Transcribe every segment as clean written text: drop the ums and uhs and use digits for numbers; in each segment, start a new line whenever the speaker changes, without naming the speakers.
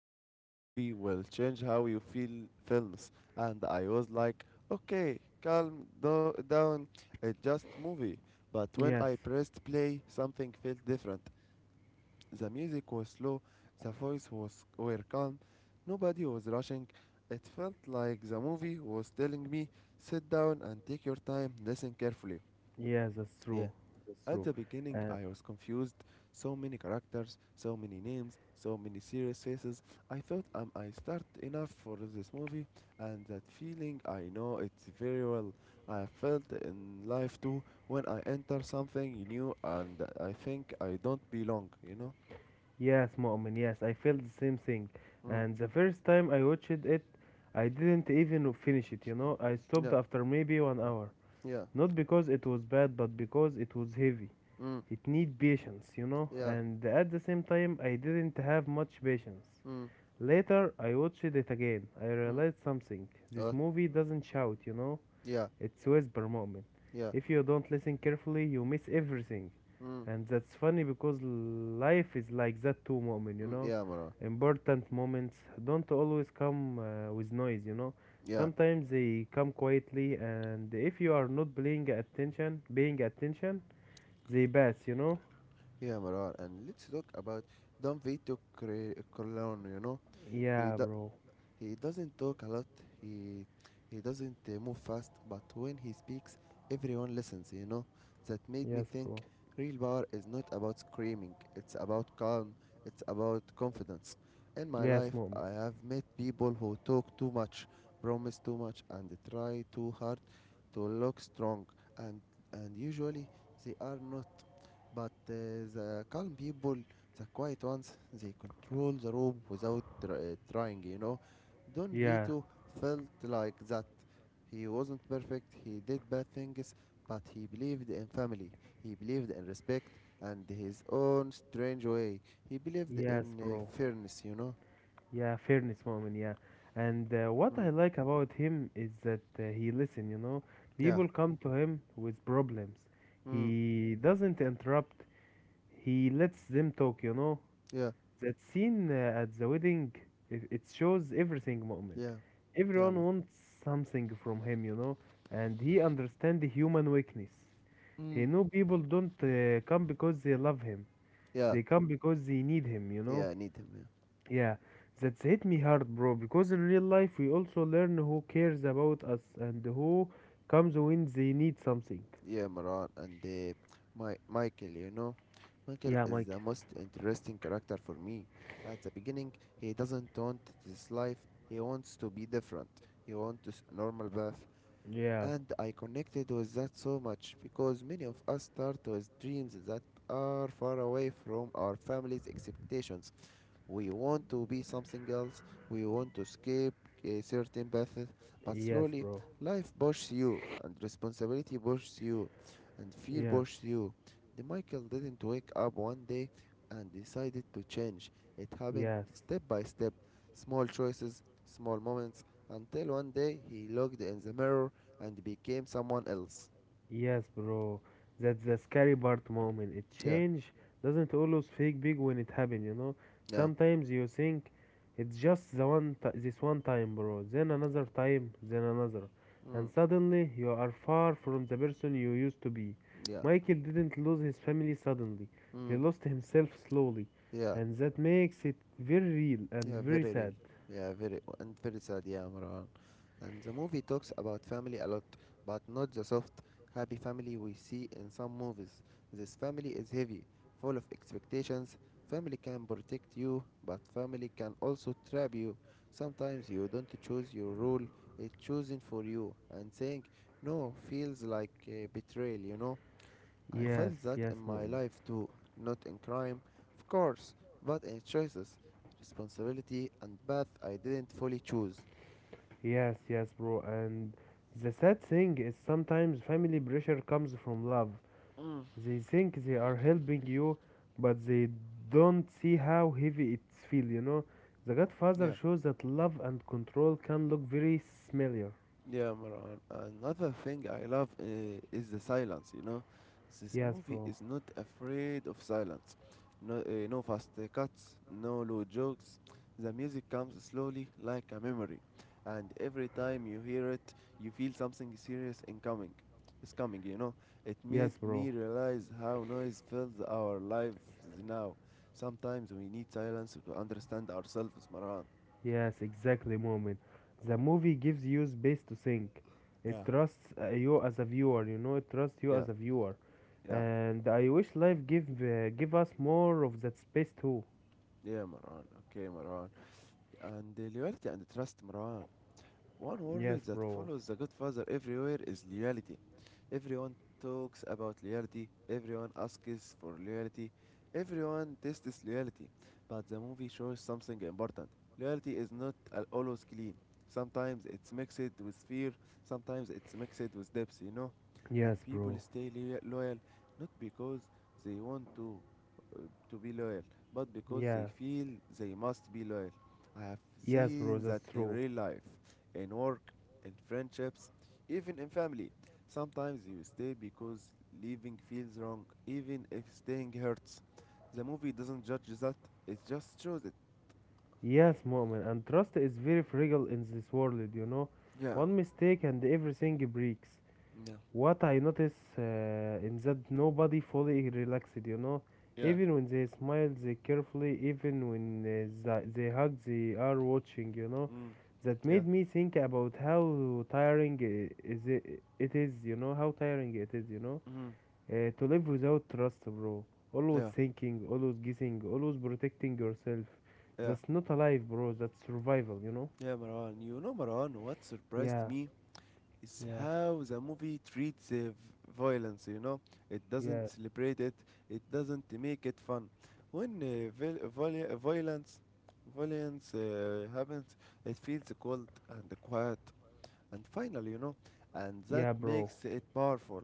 deep. This movie will change how you feel films. And I was like, okay, down. It's just movie. But when
Yes.
I pressed play, something felt different. The music was slow, the voice was were calm, nobody was rushing. It felt like the movie was telling me, sit down and take your time, listen carefully.
Yes, that's
Yeah.
true. That's
At
true.
the beginning,
Uh,
I was confused. So many characters, so many names, so many serious faces. I thought, am I start enough for this movie? And that feeling, I know it very well. I have felt in life too when I enter something new and I think I don't belong, you know?
yes, Mu'min, yes, I felt the same thing.
Mm.
And the first time I watched it, I didn't even finish it. I stopped
Yeah.
after maybe 1 hour.
Yeah.
Not because it was bad but because it was heavy.
Mm.
It need patience,
Yeah.
and at the same time I didn't have much patience.
Mm.
Later, I watched it again. I
Mm.
realized something: this
Uh,
movie doesn't shout.
yeah.
It's whisper moment.
Yeah.
If you don't listen carefully, you miss everything.
Mm.
And that's funny because life is like that too, moment, you
Mm.
know.
Yeah, Marar.
Important moments don't always come with noise.
Yeah.
Sometimes they come quietly, and if you are not paying attention, they pass.
Yeah, Marar. And let's talk about Don Vito Corleone, you know? He,
Yeah,
do-
bro.
He doesn't talk a lot. He he doesn't move fast, but when he speaks, everyone listens, you know? That made me
Yes, bro.
think real power is not about screaming. It's about calm. It's about confidence. In my
Yes,
life,
moment.
I have met people who talk too much, promise too much, and try too hard to look strong, and usually they are not. But the calm people, the quiet ones, they control the room without trying, you know. Don
Yeah.
Vito felt like that. He wasn't perfect, he did bad things, but he believed in family, he believed in respect and his own strange way. He believed in
Yes, bro.
fairness, you know?
Yeah, fairness moment, yeah. And what
Mm.
I like about him is that he listen.
Yeah.
People come to him with problems.
Mm.
He doesn't interrupt. He lets them talk.
Yeah.
That scene at the wedding, it shows everything moment.
Yeah. Yeah,
Everyone
man.
wants something from him, and he understands the human weakness.
Mm.
He know people don't come because they love him.
Yeah.
They come because they need him, you
Yeah,
know.
I need him. Yeah.
Yeah, that's hit me hard, bro, because in real life we also learn who cares about us and who comes when they need something.
Yeah, Maran, and my Michael, you know, Michael
Yeah,
is
Mike.
the most interesting character for me. At the beginning, he doesn't want this life. He wants to be different. He wants a normal path,
Yeah,
and I connected with that so much because many of us start with dreams that are far away from our family's expectations. We want to be something else. We want to escape a certain paths. But
yes,
slowly,
bro.
life pushes you, and responsibility pushes you, and fear
Yes,
pushes you. The Michael didn't wake up one day and decided to change. It happened
yes.
step by step, small choices, small moments, until one day he looked in the mirror and became someone else.
Yes, bro. That's the scary part moment. It
Yeah,
change doesn't always fake big when it happen.
yeah,
Sometimes you think it's just the one ti this one time, bro. Then another time, then another.
mm,
And suddenly you are far from the person you used to be.
yeah,
Michael didn't lose his family suddenly. He
mm,
lost himself slowly.
yeah.
And that makes it very real and
Yeah,
very
very real.
sad.
Yeah, very and very sad, yeah, Marwan. And the movie talks about family a lot, but not the soft, happy family we see in some movies. This family is heavy, full of expectations. Family can protect you, but family can also trap you. Sometimes you don't choose your role, it's chosen for you, and saying no feels like betrayal, you know? I
Yes,
felt that
yes,
in my
mom.
life too, not in crime, of course, but in choices, responsibility, and path I didn't fully choose.
Yes, yes, bro. And the sad thing is sometimes family pressure comes from love.
Mm.
They think they are helping you, but they don't see how heavy it feels, you know? The Godfather
Yeah.
shows that love and control can look very similar.
Yeah, Marwan. Another thing I love is the silence, you know. This
Yes,
movie
bro.
is not afraid of silence. No fast cuts, no low jokes. The music comes slowly like a memory, and every time you hear it, you feel something serious incoming. It's coming, you know. It made
Yes, bro.
me realize how noise fills our lives now. Sometimes we need silence to understand ourselves, Marwan.
Yes, exactly, moment. The movie gives you space to think.
Yeah.
It trusts you as a viewer, you know? It trusts you
Yeah,
as a viewer.
yeah,
And I wish life give us more of that space too.
yeah, Marwan. Okay, Marwan. And they loyalty and trust مروان One
Yes,
word that
bro.
follows The Godfather everywhere is loyalty. Everyone talks about loyalty, everyone asks for loyalty, everyone tests loyalty. But the movie shows something important. Loyalty is not always clean. Sometimes it's mixed with fear, sometimes it's mixed with depth, you know? And
Yes,
people
bro.
stay loya- loyal not because they want uh, to be loyal, but because
Yeah.
they feel they must be loyal. I have
Yes, bro.
seen
That's
that in
true.
real life in work, in friendships, even in family. Sometimes you stay because leaving feels wrong, even if staying hurts. The movie doesn't judge that, it just shows it.
Yes, moment. And trust is very fragile in this world.
Yeah,
One mistake and everything breaks.
yeah,
What I notice in that nobody fully relaxed.
yeah,
Even when they smile, they carefully. Even when they hug, they are watching.
mm,
That
yeah,
made me think about how tiring is it is. How tiring it is, you know
mm,
Uh, to live without trust, bro. Always
yeah,
thinking, always guessing, always protecting yourself.
yeah,
That's not alive, bro. That's survival, you know?
yeah, Marwan. You know, Marwan, what surprised
Yeah,
me? Is
yeah,
how the movie treats violence, you know. It
yeah,
doesn't celebrate it, it doesn't make it fun. When violence happens, it feels cold and quiet and final, you know, and that
yeah, bro.
makes it powerful.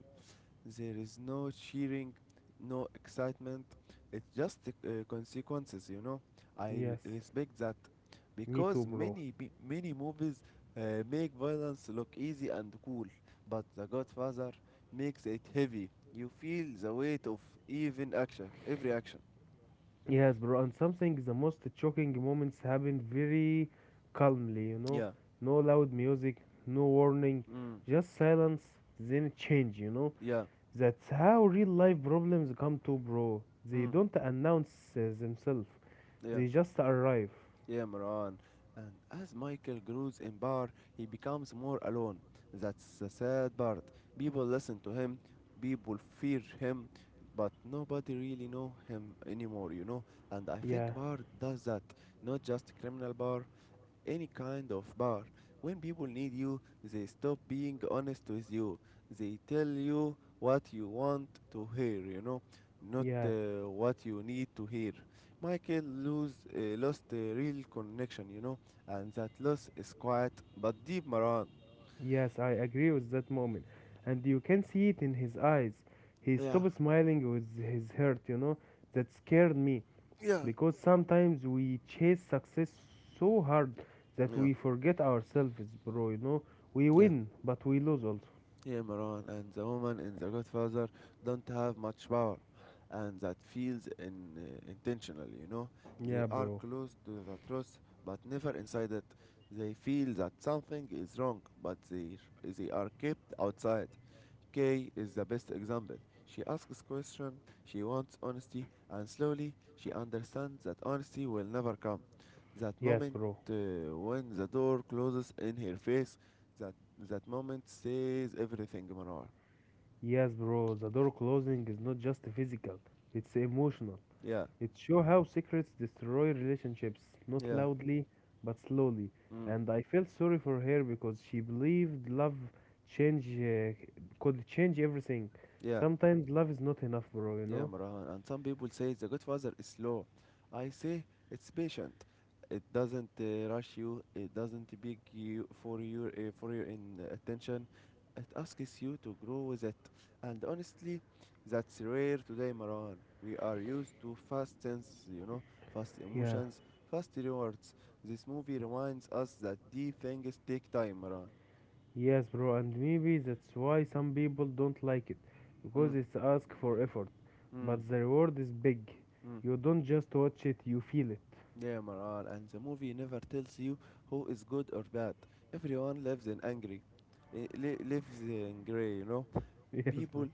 There is no cheering, no excitement. It's just consequences, you know. I re-
Yes,
respect that
me too,
because
bro.
many movies make violence look easy and cool, but The Godfather makes it heavy. You feel the weight of every action.
Yes, bro. And something, the most shocking moments happened very calmly, you know?
Yeah.
No loud music, no warning,
Mm.
just silence, then change, you know?
Yeah.
That's how real life problems come to, bro. They
Mm.
don't announce themselves.
Yeah.
They just arrive.
Yeah, Moran. And as Michael grows in power, he becomes more alone. That's the sad part. People listen to him, people fear him, but nobody really know him anymore, you know? And I
Yeah,
think Bar does that. Not just criminal Bar, any kind of bar. When people need you, they stop being honest with you. They tell you what you want to hear, you know, not
yeah,
what you need to hear. Michael lost a real connection, you know, and that loss is quiet but deep, Maran.
yes, I agree with that moment. And you can see it in his eyes. He
Yeah,
stopped smiling with his hurt. That scared me.
yeah.
Because sometimes we chase success so hard that
Yeah,
we forget ourselves, bro. We
yeah.
win, but we lose also.
Yeah, Maran, and the woman in The Godfather don't have much power, and that feels intentional, you know. They
Yeah,
are
bro.
close to the truth, but never inside it. They feel that something is wrong, but they are kept outside. Kay is the best example. She asks questions, she wants honesty, and slowly she understands that honesty will never come. That
Yes,
moment
bro.
when the door closes in her face, that moment says everything, Manor.
Yes, bro. The door closing is not just physical, it's emotional.
Yeah,
It shows how secrets destroy relationships, not
yeah,
loudly, but slowly.
mm,
And I felt sorry for her because she believed love change could change everything.
yeah.
Sometimes love is not enough, bro, you
Yeah,
know?
Marwan. And some people say The Godfather is slow. I say it's patient. It doesn't rush you. It doesn't beg you for your in attention. It asks you to grow with it. And honestly, that's rare today, Marwan. We are used to fast sense, you know, fast
Yeah.
emotions, fast rewards. This movie reminds us that deep things take time, Marwan.
Yes, bro, and maybe that's why some people don't like it because
Mm,
it's ask for effort,
mm,
but the reward is big.
mm.
You don't just watch it, you feel it.
Yeah, Maran, and the movie never tells you who is good or bad. Everyone lives in angry, lives in gray, you know.
Yes,
People
bro.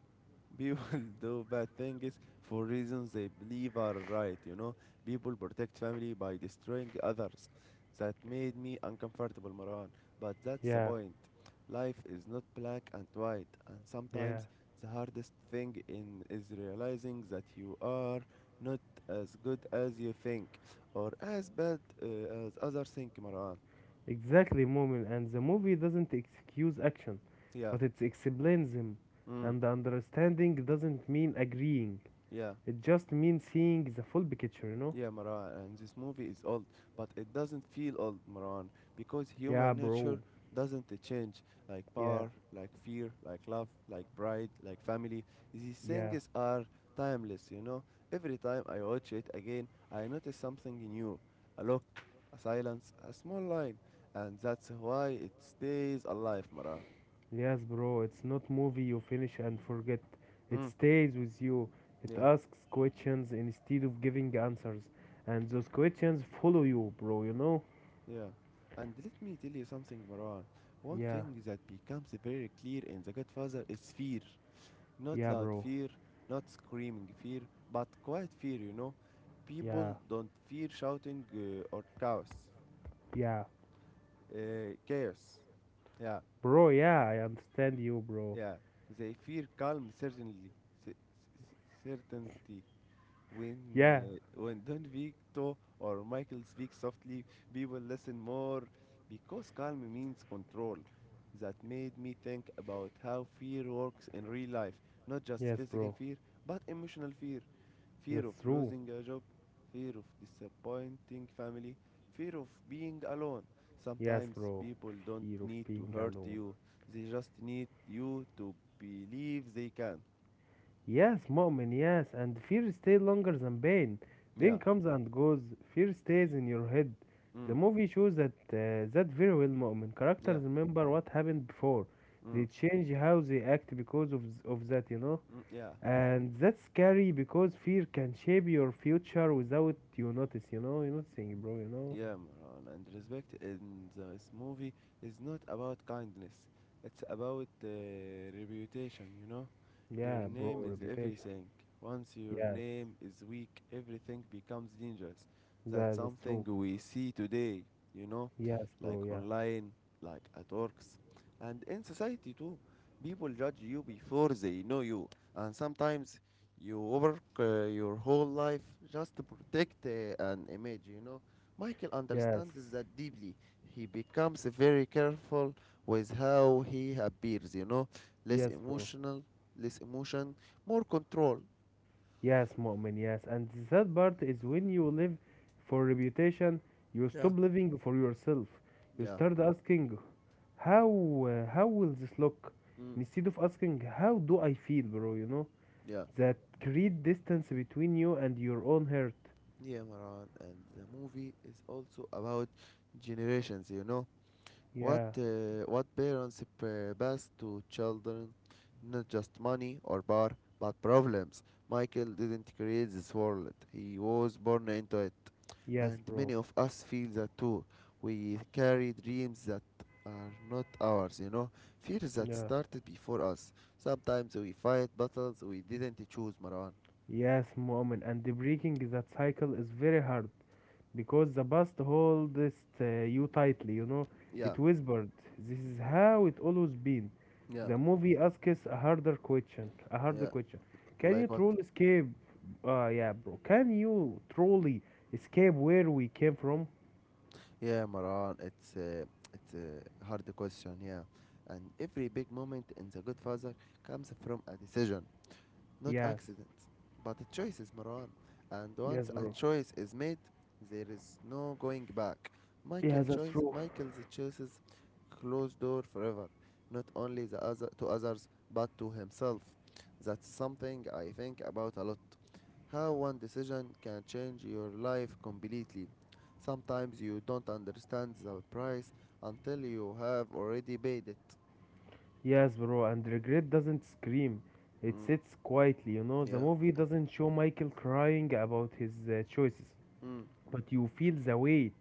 People do bad things for reasons they believe are right, you know. People protect family by destroying others. That made me uncomfortable, Marwan. But that's the
Yeah,
point. Life is not black and white, and
yeah.
sometimes the hardest thing in is realizing that you are not as good as you think, or as bad as others think, Marwan.
Exactly, moment, and the movie doesn't excuse action,
Yeah.
but it explains them.
Mm.
And understanding doesn't mean agreeing,
Yeah.
it just means seeing the full picture, you know?
Yeah, Maran, and this movie is old, but it doesn't feel old, Maran, because
Yeah,
human nature
bro.
doesn't change. Like
Yeah,
power, like fear, like love, like pride, like family. These
yeah.
things are timeless, you know. Every time I watch it again, I notice something new a look, a silence, a small line, and that's why it stays alive, Maran.
Yes, bro, it's not movie you finish and forget. It
Hmm,
stays with you. It
yeah,
asks questions instead of giving answers. And those questions follow you, bro, you know?
yeah. And let me tell you something, Maran. One
Yeah,
thing that becomes very clear in The Godfather is fear not
yeah,
loud
bro.
fear, not screaming fear, but quiet fear, you know.
Yeah,
People don't fear shouting or chaos.
yeah.
Chaos. Yeah,
Bro, yeah, I understand you, bro.
yeah. They fear calm, certainly. Certainty. When
Yeah.
uh, when Don Vito or Michael speak softly, people listen more because calm means control. That made me think about how fear works in real life, not just
Yes,
physical
bro.
fear, but emotional fear. Fear
That's
of
true.
losing a job, fear of disappointing family, fear of being alone.
Yes,
Sometimes
bro.
people don't
Fear of
need to
being
hurt
alone.
you, they just need you to believe they can.
Yes, moment, yes. And fear stays longer than pain. Pain
Yeah.
comes and goes. Fear stays in your head. The
Mm.
movie shows that very well, moment.
Yeah.
Characters remember what happened before. They
Mm.
change how they act because of that.
Mm. Yeah.
And that's scary because fear can shape your future without you notice, you know. You noticing, bro.
Yeah, Maran, and respect in this movie is not about kindness. It's about reputation, you know? Your
Yeah, bro,
name is
reputation.
everything. Once your
Yes,
name is weak, everything becomes dangerous. That's
that's
something
true.
we see today, you know?
Yes, bro.
Like
Yeah.
online, like at works, and in society too. People judge you before they know you, and sometimes you work your whole life just to protect an image, you know? Michael
Yes.
understands that deeply. He becomes very careful with how he appears, you know, less
Yes, bro.
emotional, less emotion, more control.
Yes, Mu'min. Yes. And the sad part is when you live for reputation, you
Yeah.
stop living for yourself. You
Yeah.
start asking, how will this look?
Mm.
Instead of asking, how do I feel, bro? You know
Yeah.
that create distance between you and your own heart.
Yeah, Maran. And the movie is also about generations, you know. What
Yeah.
uh, what parents p- pass to children, not just money or bar, but problems. Michael didn't create this world; he was born into it, and
Yes,
many
bro.
of us feel that too. We carry dreams that are not ours, you know, fears that
Yeah.
started before us. Sometimes we fight battles we didn't choose, Marwan.
Yes, Mu'min. And the breaking that cycle is very hard. Because the past holds you tightly.
Yeah,
It whispered, "This is how it always been."
yeah,
The movie asks a harder question. A harder
yeah.
question. Can you
Like what?
truly escape? Yeah, bro. Can you truly escape where we came from?
Yeah, Maran, it's a hard question, yeah. And every big moment in The Good Father comes from a decision, not
Yes.
accidents, but choices, Maran. And
Yes,
once a
bro.
choice is made, there is no going back.
Yeah, that's true.
Michael's choices closed door forever, not only the other to others but to himself. That's something I think about a lot. How one decision can change your life completely. Sometimes you don't understand the price until you have already paid it.
Yes, bro. And regret doesn't scream. It
Mm,
sits quietly. The
yeah.
movie
Yeah.
doesn't show Michael crying about his choices,
Mm.
but you feel the weight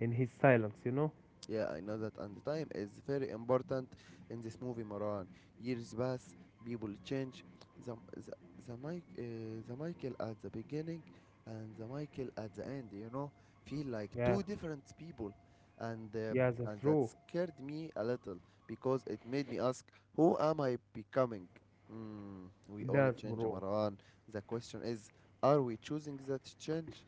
in his silence.
Yeah, I know that, and time is very important in this movie, Maran. Years pass, people change. The the the Michael at the beginning, and the Michael at the end. You know, feel like
Yeah,
two different people, and
yeah, that's
and that
true.
scared me a little because it made me ask, who am I becoming? Mm, we all
Yes,
change,
bro.
Maran. The question is, are we choosing that change?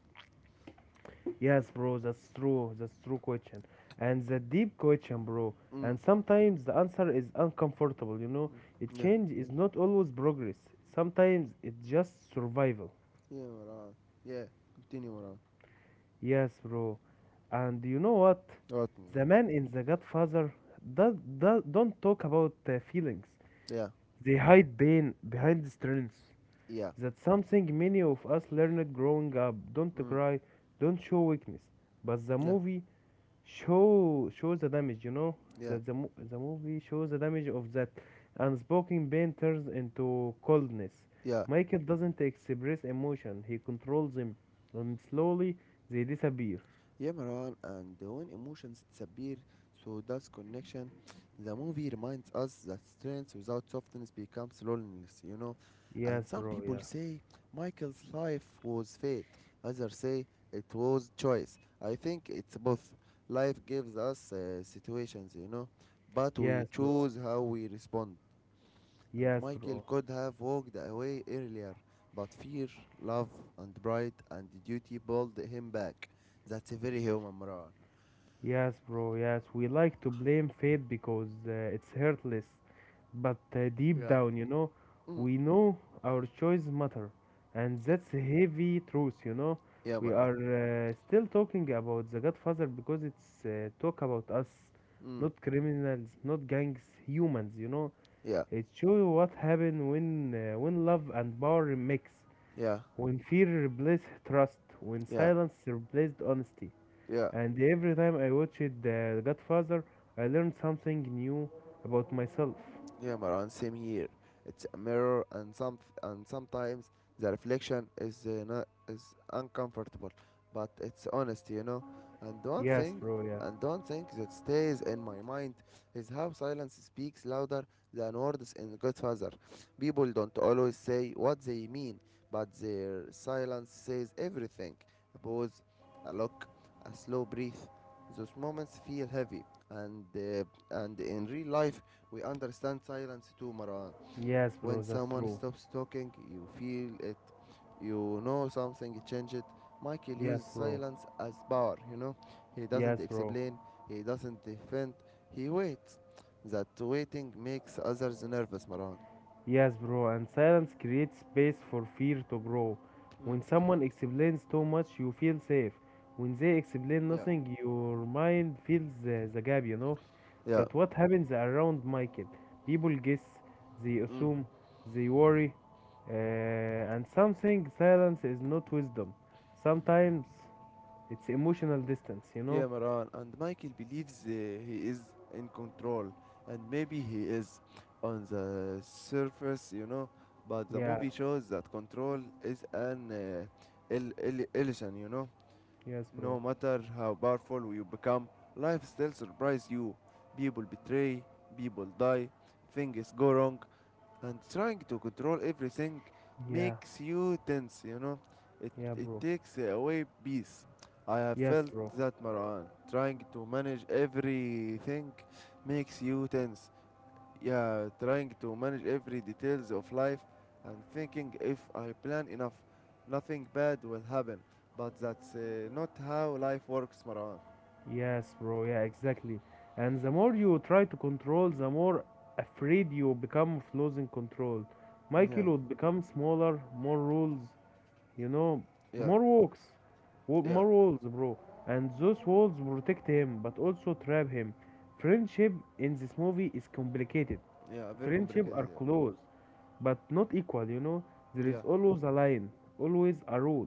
Yes, bro, that's true. That's true question. And the deep question, bro.
Mm, mm,
And sometimes the answer is uncomfortable. A
yeah,
change is not always progress. Sometimes it's just survival.
yeah, Maran. Yeah, continue, Maran.
Yes, bro. And you know what?
Right, Marwan.
The man in The Godfather don't talk about feelings.
Yeah,
They hide pain behind strength.
yeah,
That's something many of us learned growing up. Don't
mm,
cry, don't show weakness. But the
yeah,
movie shows the damage, you know?
yeah,
That the movie shows the damage of that unspoken pain turns into coldness.
yeah.
Michael doesn't express emotion, he controls them, and slowly they disappear.
Yeah, Marwan, and when emotions disappear, so does connection. The movie reminds us that strength without softness becomes loneliness, you know.
Yes,
And some
bro,
people
yeah.
say Michael's life was fate, others say it was choice. I think it's both. Life gives us situations, you know, but we
Yes, bro.
choose how we respond. And
Yes,
Michael
bro.
could have walked away earlier, but fear, love, and pride and duty pulled him back. That's a very human Marwan.
Yes, bro, yes. We like to blame fate because it's hurtless. But deep
Yeah.
down,
Mm.
we know our choices matter. And
Yeah,
that's a heavy truth.
yeah
We
Marwan.
are still talking about The Godfather because it's talk about us,
Mm.
not criminals, not gangs, humans.
Yeah,
It shows what happens when love and power mix,
yeah,
when fear replaces trust, when
yeah,
silence replaces honesty.
yeah.
And every time I watched The Godfather, I learned something new about myself.
Yeah, Maran, same here. It's a mirror, and sometimes the reflection is not is uncomfortable, but it's honest, you know. And one
Yes,
thing,
bro, yeah.
and one thing that stays in my mind is how silence speaks louder than words in Godfather. People don't always say what they mean, but their silence says everything. A pause, a look, a slow breath. Those moments feel heavy, and uh, and in real life we understand silence too, Marwan.
Yes,
When
bro, that's
someone
true.
stops talking, you feel it. You know something changed. Michael
Yes,
uses
bro.
silence as power, you know. He
Yes,
doesn't
bro.
explain, he doesn't defend, he waits. That waiting makes others nervous, Marwan.
Yes, bro, and silence creates space for fear to grow.
Mm.
When someone explains too much, you feel safe. When they explain
Yeah.
nothing, your mind fills the gap, you know?
Yeah.
That what happens around Michael. People guess, they
Mm.
assume, they worry, uh, and something silence is not wisdom. Sometimes it's emotional distance, you
Yeah,
know?
Maran. And Michael believes he is in control, and maybe he is on the surface, you know. But the
Yeah,
movie shows that control is an illusion, you know.
yes,
No
bro.
matter how powerful you become, life still surprises you. People betray, people die, things go wrong, and trying to control everything
Yeah,
makes you tense, you know. It,
yeah,
it
bro.
takes away peace. I have
Yes,
felt
bro.
that, Marwan. Trying to manage everything makes you tense. Yeah, trying to manage every details of life and thinking if I plan enough, nothing bad will happen. But that's not how life works, Marwan.
Yes, bro. Yeah, exactly. And the more you try to control, the more afraid you become of losing control.
Yeah,
Michael would become smaller, more rules, you know,
yeah,
more walks,
yeah,
more walls, bro. And those walls protect him, but also trap him. Friendship in this movie is complicated.
yeah. Very
Friendship
complicated.
are
Yeah,
close, but not equal. There is
yeah,
always a line, always a rule.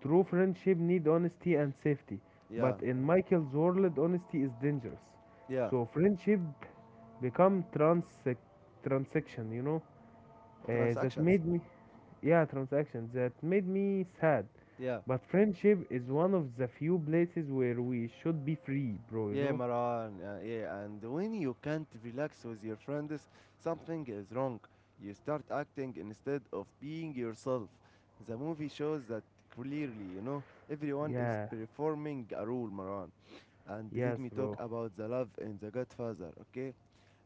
True friendship need honesty and safety,
yeah,
but in Michael's world, honesty is dangerous.
yeah.
So friendship become transaction. That
Transactions.
made me yeah, transaction, that made me sad,
Yeah,
but friendship is one of the few places where we should be free, bro you
Yeah,
know
Maran. Yeah, and when you can't relax with your friends, something is wrong. You start acting instead of being yourself. The movie shows that clearly, you know. Everyone is
Yeah.
performing a role, Maran. And let
Yes,
me talk
bro.
about the love in The Godfather, okay?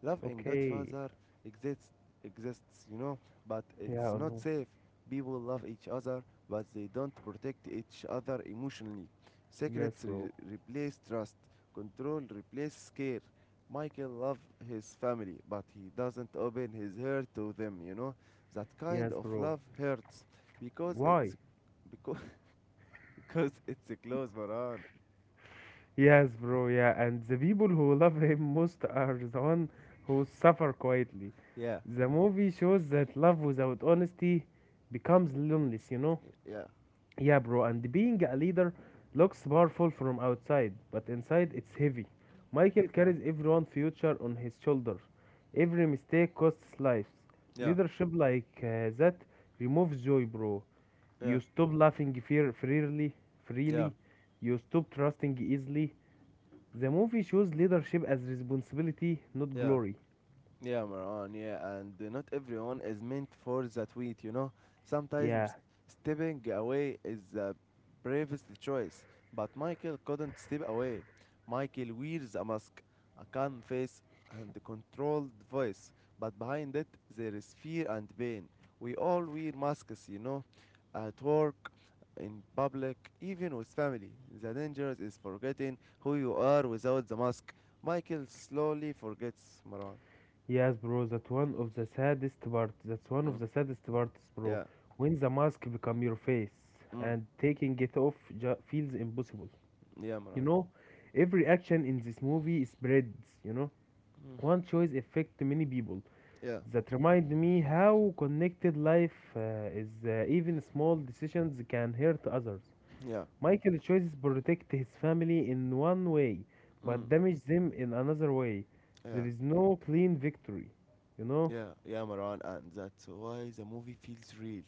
Love in
Okay.
Godfather exists, exists, you know, but it's
Yeah.
not
No.
safe. People love each other, but they don't protect each other emotionally.
Yes, bro.
Replace trust, control replace care. Michael loves his family, but he doesn't open his heart to them, you know. That kind
Yes,
of
bro.
love hurts because
Why?
it's because, because it's a close Maran.
Yes, bro. Yeah, and the people who love him most are the one who suffer quietly.
Yeah.
The movie shows that love without honesty becomes loneliness.
Yeah.
Yeah, bro, and being a leader looks powerful from outside, but inside it's heavy. Michael
Yeah.
carries everyone's future on his shoulders. Every mistake costs lives.
Yeah.
Leadership like that removes joy, bro.
Yeah.
You stop laughing fear freely,
Yeah.
freely. You stop trusting easily. The movie shows leadership as responsibility, not
Yeah.
glory.
Yeah, Maran, yeah, and not everyone is meant for that weight, you know.
Yeah,
Sometimes stepping away is the bravest choice, but Michael couldn't step away. Michael wears a mask, a calm face, and a controlled voice, but behind it there is fear and pain. We all wear masks, you know, at work, in public, even with family. The danger is forgetting who you are without the mask. Michael slowly forgets, Maran.
yes, bro, that one of the saddest part. That's one of
Mm.
the saddest parts, bro.
Yeah.
When the mask become your face
Mm.
and taking it off feels impossible.
Yeah,
You
Maran.
know, every action in this movie spreads. You know,
Mm.
one choice affect many people.
Yeah.
That remind me how connected life is. Even small decisions can hurt others.
Yeah.
Michael chooses protect his family in one way,
Mm.
but damage them in another way.
Yeah.
There is no clean victory. You know.
Yeah. Yeah, Maran. And that's why the movie feels real.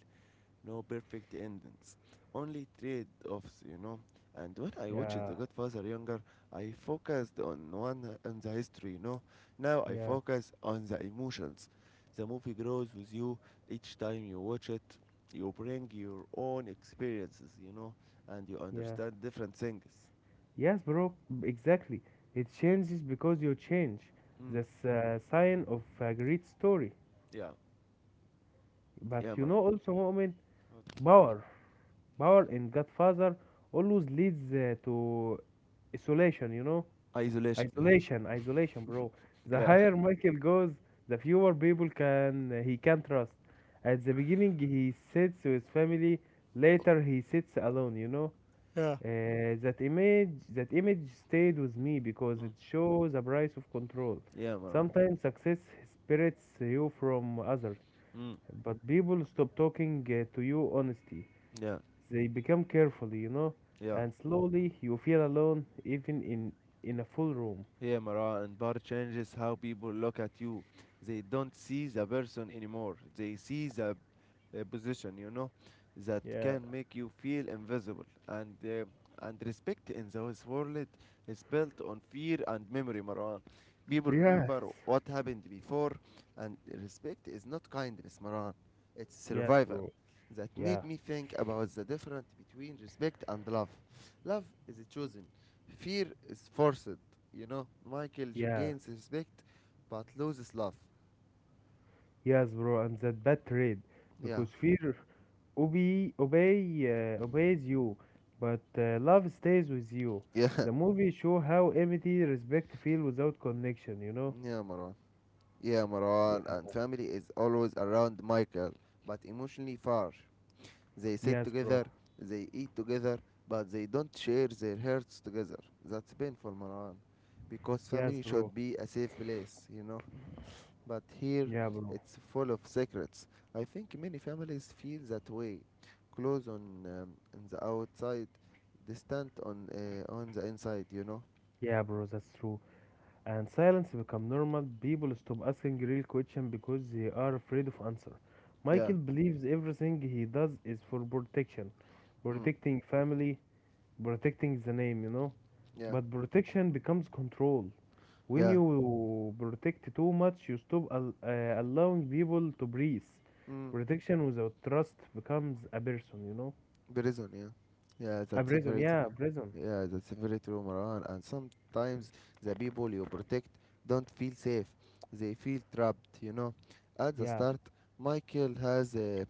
No perfect endings. Only trade offs, you know. And when I watched
Yeah,
The Godfather younger, I focused on one on the history, you know. Now I
yeah,
focus on the emotions. The movie grows with you each time you watch it. You bring your own experiences, you know, and you
yeah.
understand different things.
Yes, bro, exactly. It changes because you change.
Mm.
That's a sign of a great story.
Yeah.
But
Yeah,
you
Maran.
know also, moment power. Power in Godfather always leads to isolation, you know?
Isolation.
Isolation, isolation, bro.
Yeah.
The
Yeah.
higher Michael goes, the fewer people can he can trust. At the beginning, he sits with family. Later, he sits alone, you know?
Yeah.
That image stayed with me because it
Mm.
shows the price of control.
Yeah, man.
Sometimes success separates you from others,
Mm.
but people stop talking to you honestly.
Yeah.
They become careful, you know,
Yeah.
and slowly you feel alone even in a full room.
Yeah, Mara, and bar changes how people look at you. They don't see the person anymore. They see the position, you know, that
Yeah.
can make you feel invisible. And respect in this world is built on fear and memory, Maran. People
Yes.
remember what happened before, and respect is not kindness, Maran. It's
Yes,
survival.
bro.
That
Yeah.
made me think about the difference between respect and love. Love is chosen. Fear is forced, you know.
Yeah.
Gains respect but loses love.
Yes, bro, and that bad trade
Yeah.
because fear obeys you, but love stays with you.
Yeah,
The movie show how empty respect feel without connection. You know?
yeah, Marwan. Yeah, Marwan
Yeah.
and family is always around Michael, but emotionally far. They sit
Yes, bro.
together, they eat together, but they don't share their hearts together. That's painful, Marwan, because
Yes,
family
bro.
should be a safe place, you know. But here
Yeah, bro.
it's full of secrets. I think many families feel that way, close on the outside, distant on the inside. You know?
Yeah, bro. That's true. And silence become normal. People stop asking real question because they are afraid of answer.
Yeah.
Michael believes everything he does is for protection,
Mm.
protecting family, protecting the name, you know,
Yeah.
but protection becomes control. When
Yeah.
you protect too much, you stop allowing people to breathe.
Mm.
Protection without trust becomes a person, you know,
Prison. Yeah. Yeah.
a
That's
prison.
very. tr-
Yeah, a prison.
Yeah. That's very true, Marwan. And sometimes the people you protect don't feel safe. They feel trapped. You know. At the
Yeah,
start, Michael has a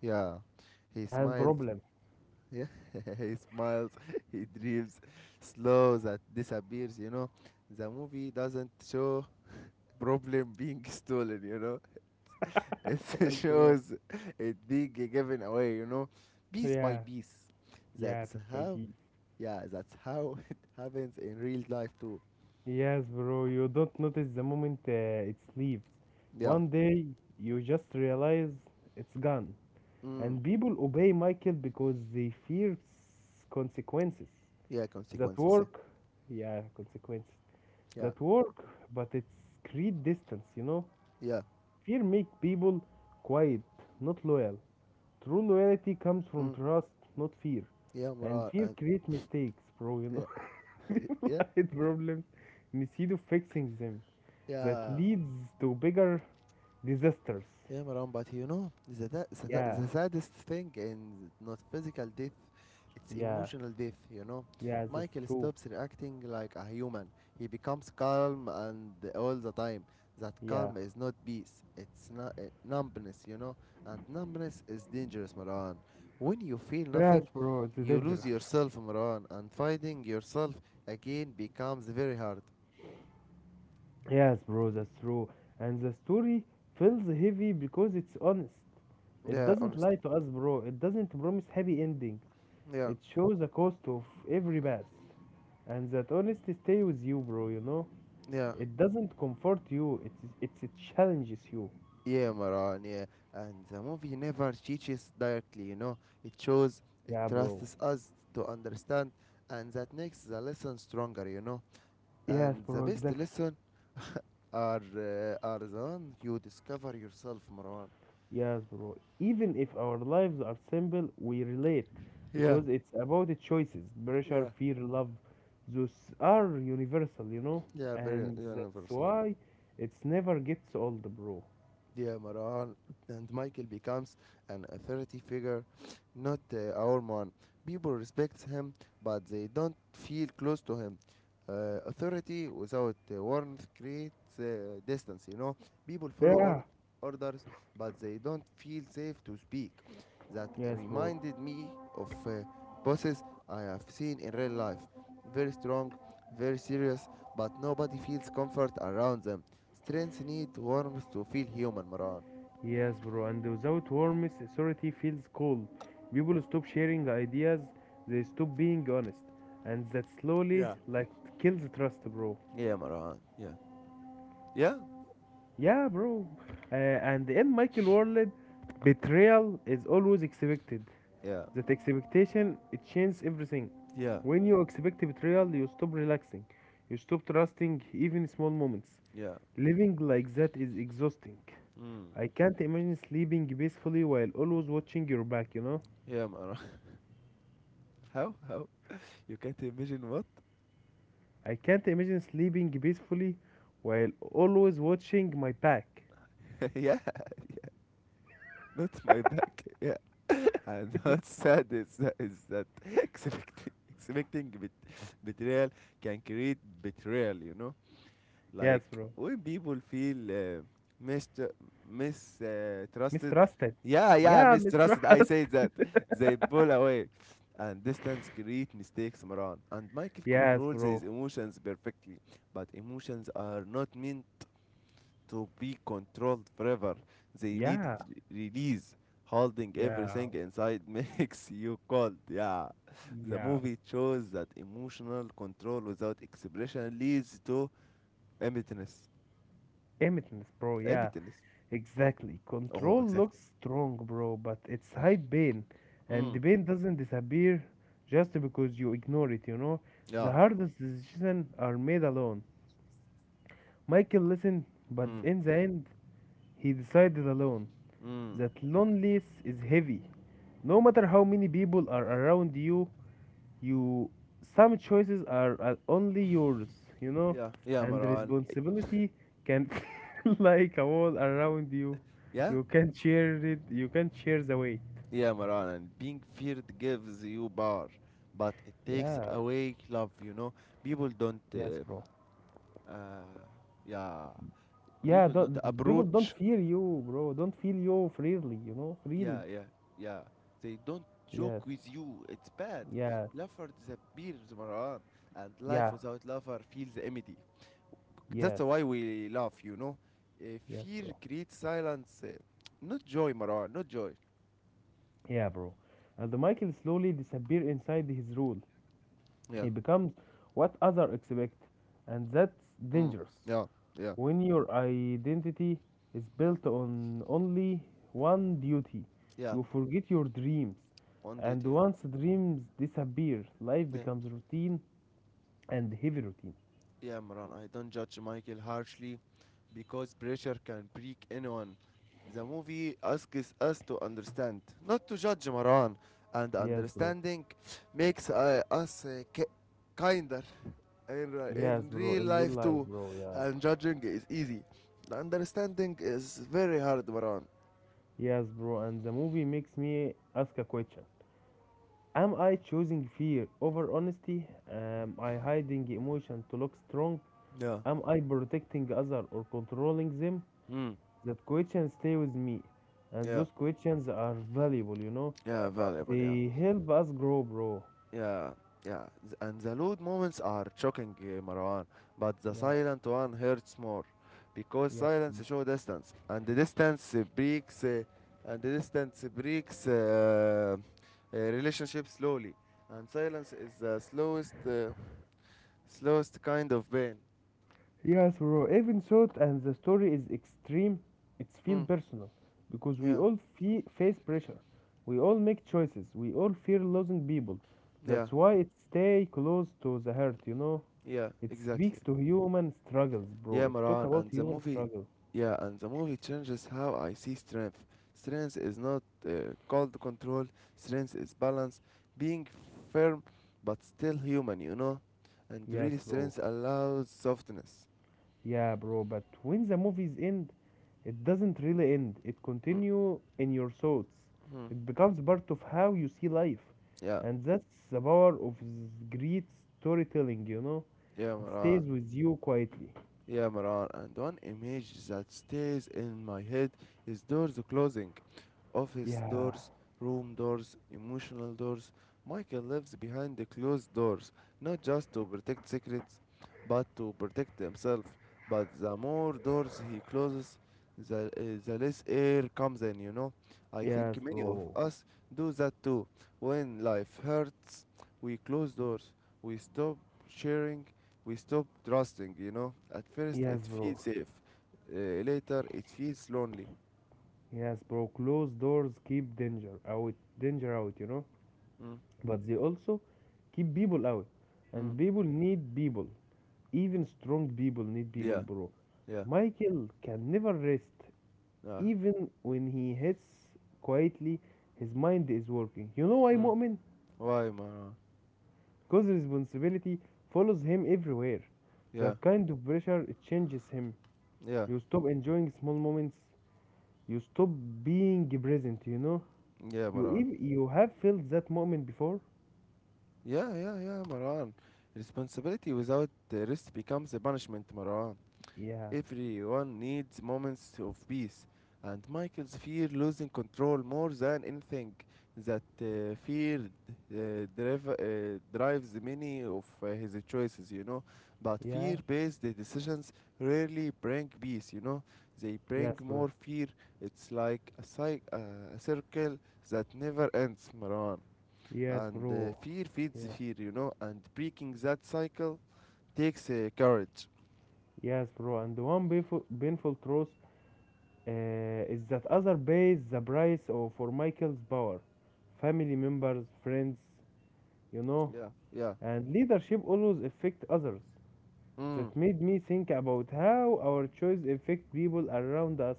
yeah. He
that's
smiled
problem.
Yeah, he smiles, he dreams, slow that disappears, you know. The movie doesn't show problem being stolen, you know. It
Yes, bro.
shows it being given away, you know, piece by
Yeah.
piece.
Yeah,
That's
piece by
how,
piece.
yeah, that's how it happens in real life too.
Yes, bro, you don't notice the moment it leaves.
Yeah,
One day you just realize it's gone.
mm.
And people obey Michael because they fear consequences
Yeah,
that
consequences.
work, yeah, consequences
Yeah, yeah,
that work, but it's create distance, you know.
yeah,
Fear make people quiet, not loyal. True loyalty comes from
mm.
trust, not fear.
Yeah
And
moral
fear
and
create mistakes, bro, you know.
yeah,
People
yeah,
hide problems instead of fixing them. That
yeah.
leads to bigger disasters.
Yeah, Maran, but you know,
Yeah,
the saddest thing in not physical death, it's
yeah,
emotional death, you know.
yeah, that's
Michael
true.
stops reacting like a human. He becomes calm and all the time. That
Yeah.
calm is not peace, it's not numbness, you know. And numbness is dangerous, Maran. When you feel
Yes,
nothing,
bro, it's
you lose
dangerous.
yourself, Maran, and finding yourself again becomes very hard.
Yes, bro, that's true. And the story feels heavy because it's honest. It
Yeah,
doesn't
honest.
lie to us, bro. It doesn't promise happy endings.
Yeah,
It shows the cost of every path. And that honesty stay with you, bro, you know?
yeah.
It doesn't comfort you, it challenges you.
Yeah, Maran, yeah. And the movie never teaches directly, you know. It shows, it
Yeah, bro.
trusts us to understand, and that makes the lesson stronger, you know.
Yes,
And the
bro,
best
exactly.
lesson are the one you discover yourself, Marwan.
Yes, bro. Even if our lives are simple, we relate
Yeah,
because it's about the choices. Pressure,
yeah.
fear, love, those are universal, you know?
Yeah, very
And that's
universal.
why it's never gets old, bro.
Yeah, Maran and Michael becomes an authority figure, not our man. People respect him, but they don't feel close to him. Authority without warmth creates distance, you know. People follow
Yeah.
or- orders, but they don't feel safe to speak. That
Yes, bro.
reminded me of bosses I have seen in real life. Very strong, very serious, but nobody feels comfort around them. Strengths need warmth to feel human, Maran.
Yes, bro. And without warmth, authority feels cold. People stop sharing ideas, they stop being honest. And that slowly,
Yeah.
like, kills trust, bro.
Yeah, Maran. Yeah. Yeah?
Yeah, bro. And in Michael World, betrayal is always expected.
Yeah.
That expectation, it changes everything.
Yeah.
When you expect betrayal, you stop relaxing. You stop trusting even small moments.
Yeah.
Living like that is exhausting.
Mm.
I can't imagine sleeping peacefully while always watching your back, you know?
Yeah, Maran. How? How? You can't imagine what?
I can't imagine sleeping peacefully while always watching my back.
yeah, not my back. Yeah. And what's sad is that, expecting betrayal can create betrayal, you know?
Yes,
Like
bro.
when people feel mis mis trusted,
Mistrusted.
yeah, yeah,
Yeah,
mistrusted. I
mistrust.
said that they pull away, and distance create mistakes, Maran. And Michael
Yes,
controls his
bro.
emotions perfectly, but emotions are not meant to be controlled forever.
Yeah,
Release. Holding
yeah,
everything inside makes you cold. Yeah. The
yeah.
movie shows that emotional control without expression leads to emptiness.
Emittance, bro.
Aim
Yeah,
tennis.
exactly.
Oh,
Control
exactly.
looks strong, bro, but it's hide pain, and
Mm.
the pain doesn't disappear just because you ignore it. You know, the
Yeah.
hardest decisions are made alone. Michael listened, but
Mm.
in the end, he decided alone.
Mm.
That loneliness is heavy. No matter how many people are around you, you some choices are only yours, you know.
Yeah. Yeah,
And
Maran.
responsibility can feel like a wall around you
Yeah.
you can't share it. You can't share the weight.
Yeah, Maran. And being feared gives you power, but it takes
Yeah.
away love. You know, people don't.
Yes, bro.
Uh, yeah.
Yeah
People
don't,
don't
People don't
approach.
fear you, bro. Don't feel you freely, you know. Freely.
Yeah. Yeah. Yeah. They don't
Yes.
joke with you. It's bad.
Yes.
Lover disappears, Maran, and life
Yeah.
without lover feels empty. That's
Yes.
why we laugh, you know.
Yes,
Fear
bro.
creates silence, not joy, Marwan, not joy.
Yeah, bro. And the Michael slowly disappear inside his rule.
Yeah.
He becomes what other expect. And that's
Mm.
dangerous.
Yeah. Yeah.
When your identity is built on only one duty,
Yeah.
you forget your dreams.
On
And
it, yeah.
once dreams disappear, life
Yeah.
becomes routine and heavy routine.
Yeah, Marwan. I don't judge Michael harshly because pressure can break anyone. The movie asks us to understand, not to judge, Marwan. And
Yes, bro.
understanding makes us kinder in,
Yes,
in
bro.
real
In real
life
life,
too.
bro. Yeah.
And judging is easy. Understanding is very hard, Maran.
Yes, bro. And the movie makes me ask a question. Am I choosing fear over honesty? Am I hiding emotion to look strong?
Yeah,
Am I protecting others or controlling them?
Mm.
That questions stay with me, and
Yeah,
those questions are valuable, you know.
yeah, valuable, yeah.
They help us grow, bro.
Yeah, yeah. And the loud moments are shocking, Marwan, but the
Yeah.
silent one hurts more because
Yes, bro.
silence shows distance, and the distance breaks relationship slowly, and silence is the slowest, slowest kind of pain.
Yes, bro. Even short and the story is extreme, it's feel
Mm,
personal because we
yeah,
all face pressure. We all make choices. We all fear losing people.
yeah,
That's why it stay close to the heart, you know.
yeah,
It
exactly.
speaks to human struggles, bro.
Yeah,
It talk
Maran,
about
and the
human
movie,
struggle.
yeah, and the movie changes how I see strength. Strength is not called control. Strength is balance, being firm but still human, you know. And real
Yes, bro.
strength allows softness.
Yeah, bro, but when the movies end, it doesn't really end. It continue in your thoughts.
Mhm.
It becomes part of how you see life.
Yeah,
And that's the power of this great storytelling, you know?
yeah,
It
Maran.
stays with you quietly.
Yeah, Maran. And one image that stays in my head is doors closing. Office
Yeah.
doors, room doors, emotional doors. Michael lives behind the closed doors, not just to protect secrets, but to protect himself. But the more doors he closes, the less air comes in, you know. I
Yes,
think many of
bro.
us do that too. When life hurts, we close doors, we stop sharing, we stop trusting, At first,
Yes,
it
bro.
feels safe, uh, later, it feels lonely.
Yes, bro. Closed doors keep danger out, you know?
Mm,
But they also keep people out.
mm.
And people need people. Even strong people need people,
Yeah.
bro.
Yeah.
Michael can never rest.
Yeah.
Even when he hits quietly, his mind is working. You know why,
Mm.
Mu'min?
Why, Maran?
Because responsibility follows him everywhere.
Yeah.
That kind of pressure, it changes him.
Yeah.
You stop enjoying small moments. You stop being present, you know?
Yeah, Maran.
You have felt that moment before?
Yeah, Maran. Responsibility without the risk becomes a punishment, Maran.
Yeah.
Everyone needs moments of peace, and Michael's fear losing control more than anything. That fear drives many of his choices, But
Yeah.
fear based decisions rarely bring peace, They
Yes,
bring
bro.
more fear. It's like a, a circle that never ends, Marwan.
Yes,
And
bro.
fear feeds
Yeah.
fear, you know. And breaking that cycle takes courage.
Yes, bro. And the one painful, painful truth is that other pays the price for Michael's power. Family members, friends, you know,
Yeah, yeah.
and leadership always affect others.
Mm.
That made me think about how our choice affect people around us,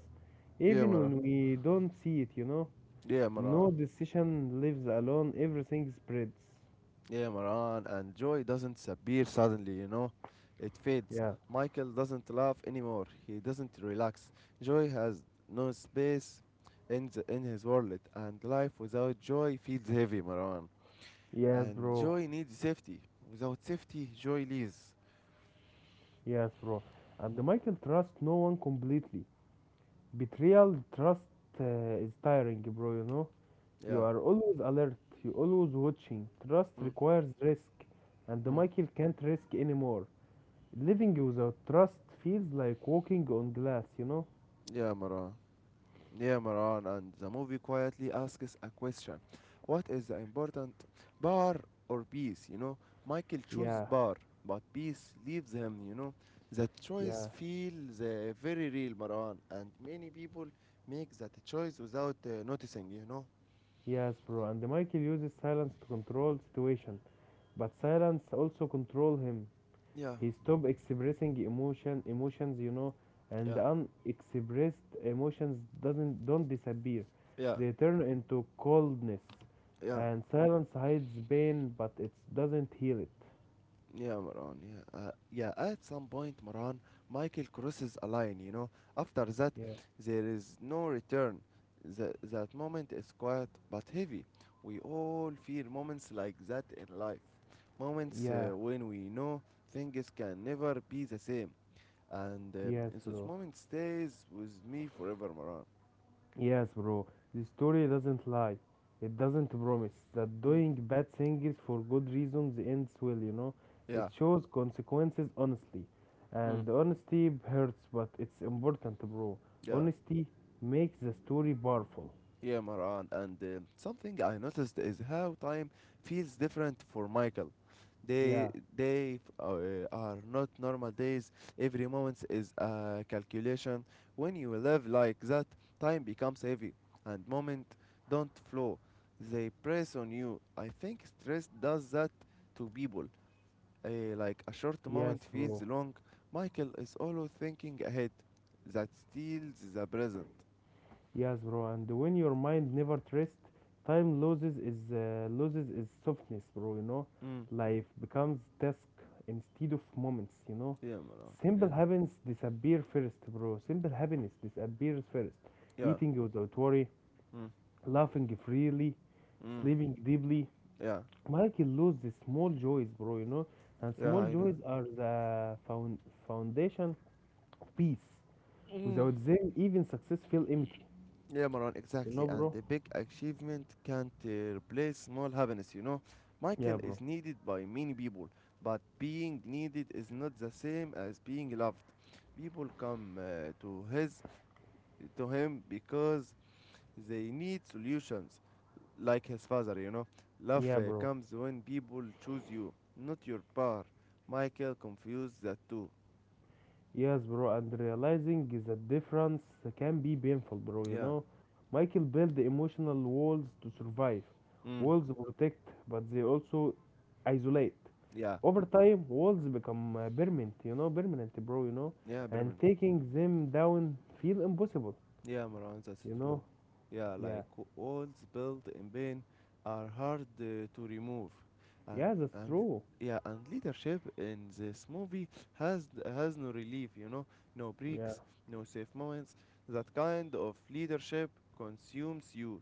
Yeah,
even
Maran.
when we don't see it, you know.
Yeah, Maran.
No decision lives alone, everything spreads.
Yeah, Maran. And joy doesn't appear suddenly, you know? It fades.
Yeah,
Michael doesn't laugh anymore. He doesn't relax. Joy has no space in his world. And life without joy feels heavy, Maran.
yes,
And
bro.
joy needs safety. Without safety, joy leaves.
Yes, bro. And Michael trusts no one completely. Betrayal, trust, uh, is tiring, bro, you know. You
Yeah.
are always alert, you always watching. Trust
Mm,
requires risk, and
mm.
Michael can't risk anymore. Living without trust feels like walking on glass, you know?
Yeah, Maran. Yeah, Maran, and the movie quietly asks a question. What is the important bar or peace? You know, Michael chooses
Yeah,
bar, but peace leaves him, you know. That choice
yeah,
feels very real, Maran, and many people make that choice without noticing, you know.
yes, bro. And Michael uses silence to control situation, but silence also control him.
Yeah,
He stopped expressing emotions, you know. And
yeah,
unexpressed emotions doesn't don't disappear.
yeah,
They turn into coldness.
yeah.
And silence hides pain, but it doesn't heal it.
Yeah, Moran. Yeah. At some point, Moran, Michael crosses a line. You know, after that,
Yeah.
there is no return. That moment is quiet but heavy. We all feel moments like that in life. Moments
Yeah.
when we know things can never be the same, and
Yes,
this
bro.
moment stays with me forever, Moran.
Yes, bro. The story doesn't lie. It doesn't promise that
Mm.
doing bad things for good reasons ends well, you know. It
Yeah.
shows consequences honestly.
Mm.
And honesty hurts, but it's important, bro.
Yeah.
Honesty makes the story powerful.
Yeah, Maran, and something I noticed is how time feels different for Michael.
Yeah,
They they are not normal days. Every moment is a calculation. When you live like that, time becomes heavy, and moment don't flow. They press on you. I think stress does that to people. Like a short moment
yes,
feels
bro.
long. Michael is always thinking ahead. That steals the present.
Yes, bro. And when your mind never rest, time loses its softness, bro. You know,
Mm.
life becomes task instead of moments. You know,
Yeah, Maran.
simple
Yeah.
happens disappear first, bro. Simple happiness disappears first.
Yeah.
Eating without worry,
Mm.
laughing freely,
Mm.
sleeping deeply.
Yeah.
Michael lose the small joys, bro. You know, and
Yeah,
small
I know.
joys are the foundation of peace.
Mm.
Without them, even success feel empty.
Yeah, Maran,
You
exactly.
know,
And
bro.
the big achievement can't replace small happiness, you know.
Yeah,
Michael
bro.
is needed by many people, but being needed is not the same as being loved. People come to him because they need solutions, like his father, you know. Love
Yeah, bro.
comes when people choose you, not your power. Michael confused the two.
Yes, bro. And realizing the difference can be painful, bro. You
Yeah.
know, Michael built emotional walls to survive.
Mm.
Walls protect, but they also isolate.
Yeah.
Over time, walls become permanent. You know, permanent, bro. You know,
Yeah,
and
Bremen.
taking them down feel impossible.
Yeah, Marwan, that's
You know.
true. Yeah,
Yeah.
like walls built in pain are hard to remove, and
Yeah, that's
and
true.
yeah, and leadership in this movie has no relief, you know, no
Yeah.
breaks, no safe moments. That kind of leadership consumes you.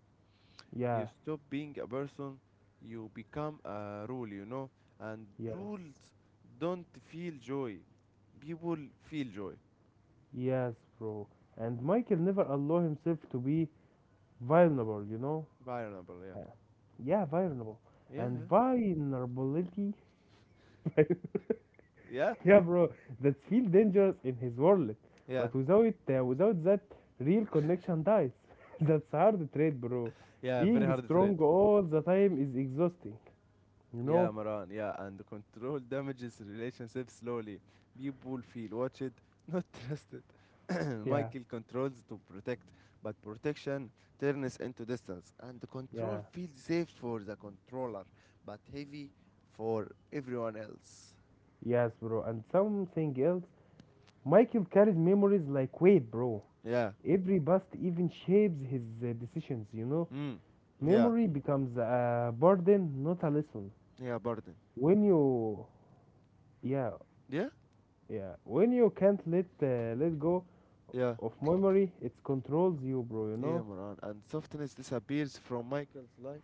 You
Yeah.
stop being a person, you become a rule, you know, and
Yes.
rules don't feel joy. People feel joy.
Yes, bro. And Michael never allow himself to be vulnerable. You know,
Vulnerable.
Uh, yeah, vulnerable.
Yeah, yeah.
And vulnerability.
Yeah, Yeah?
Yeah, bro. That feel dangerous in his world.
Yeah,
But without that, real connection dies. That's hard trade, bro.
yeah, very
Being
hard trade.
strong all the time is exhausting. You
Yeah,
know?
Maran, yeah, and control damages relationship slowly. People feel watched, not trusted.
Yeah,
Michael controls to protect, but protection turns into distance, and the control
yeah.
feels safe for the controller, but heavy for everyone else.
Yes, bro. And something else. Michael carries memories like weight, bro.
Yeah,
Every bust even shapes his decisions, you know?
mm. Yeah,
Memory becomes a burden, not a lesson.
yeah, burden.
when you yeah
Yeah,
yeah when you can't let go
yeah,
of memory, it controls you, bro. You
yeah,
know.
Maran, and softness disappears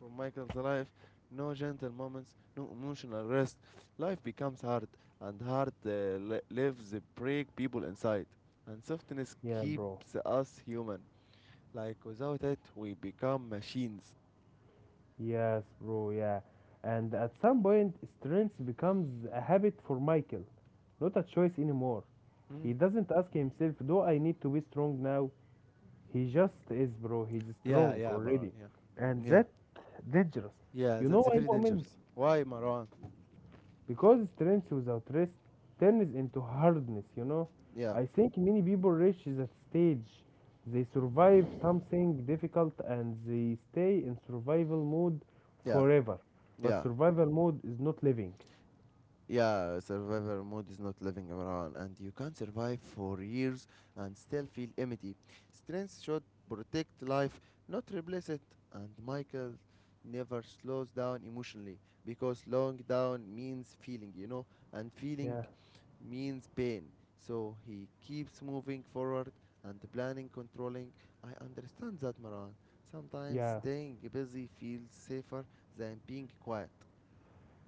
from Michael's life. No gentle moments, no emotional rest. Life becomes hard, and hard lives break people inside. And softness
Yeah, bro.
keeps us human. Like without it, we become machines.
Yes, bro. Yeah. And at some point, strength becomes a habit for Michael, not a choice anymore.
Mm.
He doesn't ask himself, do I need to be strong now? He just is, bro. He's
Yeah,
strong
yeah, Maran.
already.
Yeah,
And
yeah,
that dangerous.
yeah.
You know
That's
why,
very
Mu'min?
dangerous. Why, Maran?
Because strength without rest turns into hardness, you know.
Yeah,
I think many people reach that stage. They survive something difficult and they stay in survival mode
yeah,
forever. But
yeah.
survival mode is not living.
Yeah, survivor mode is not living around, and you can survive for years and still feel empty. Strength should protect life, not replace it. And Michael never slows down emotionally because slowing down means feeling, you know, and feeling
Yeah,
means pain. So he keeps moving forward and planning, controlling. I understand that, Maran. Sometimes
yeah,
staying busy feels safer than being quiet.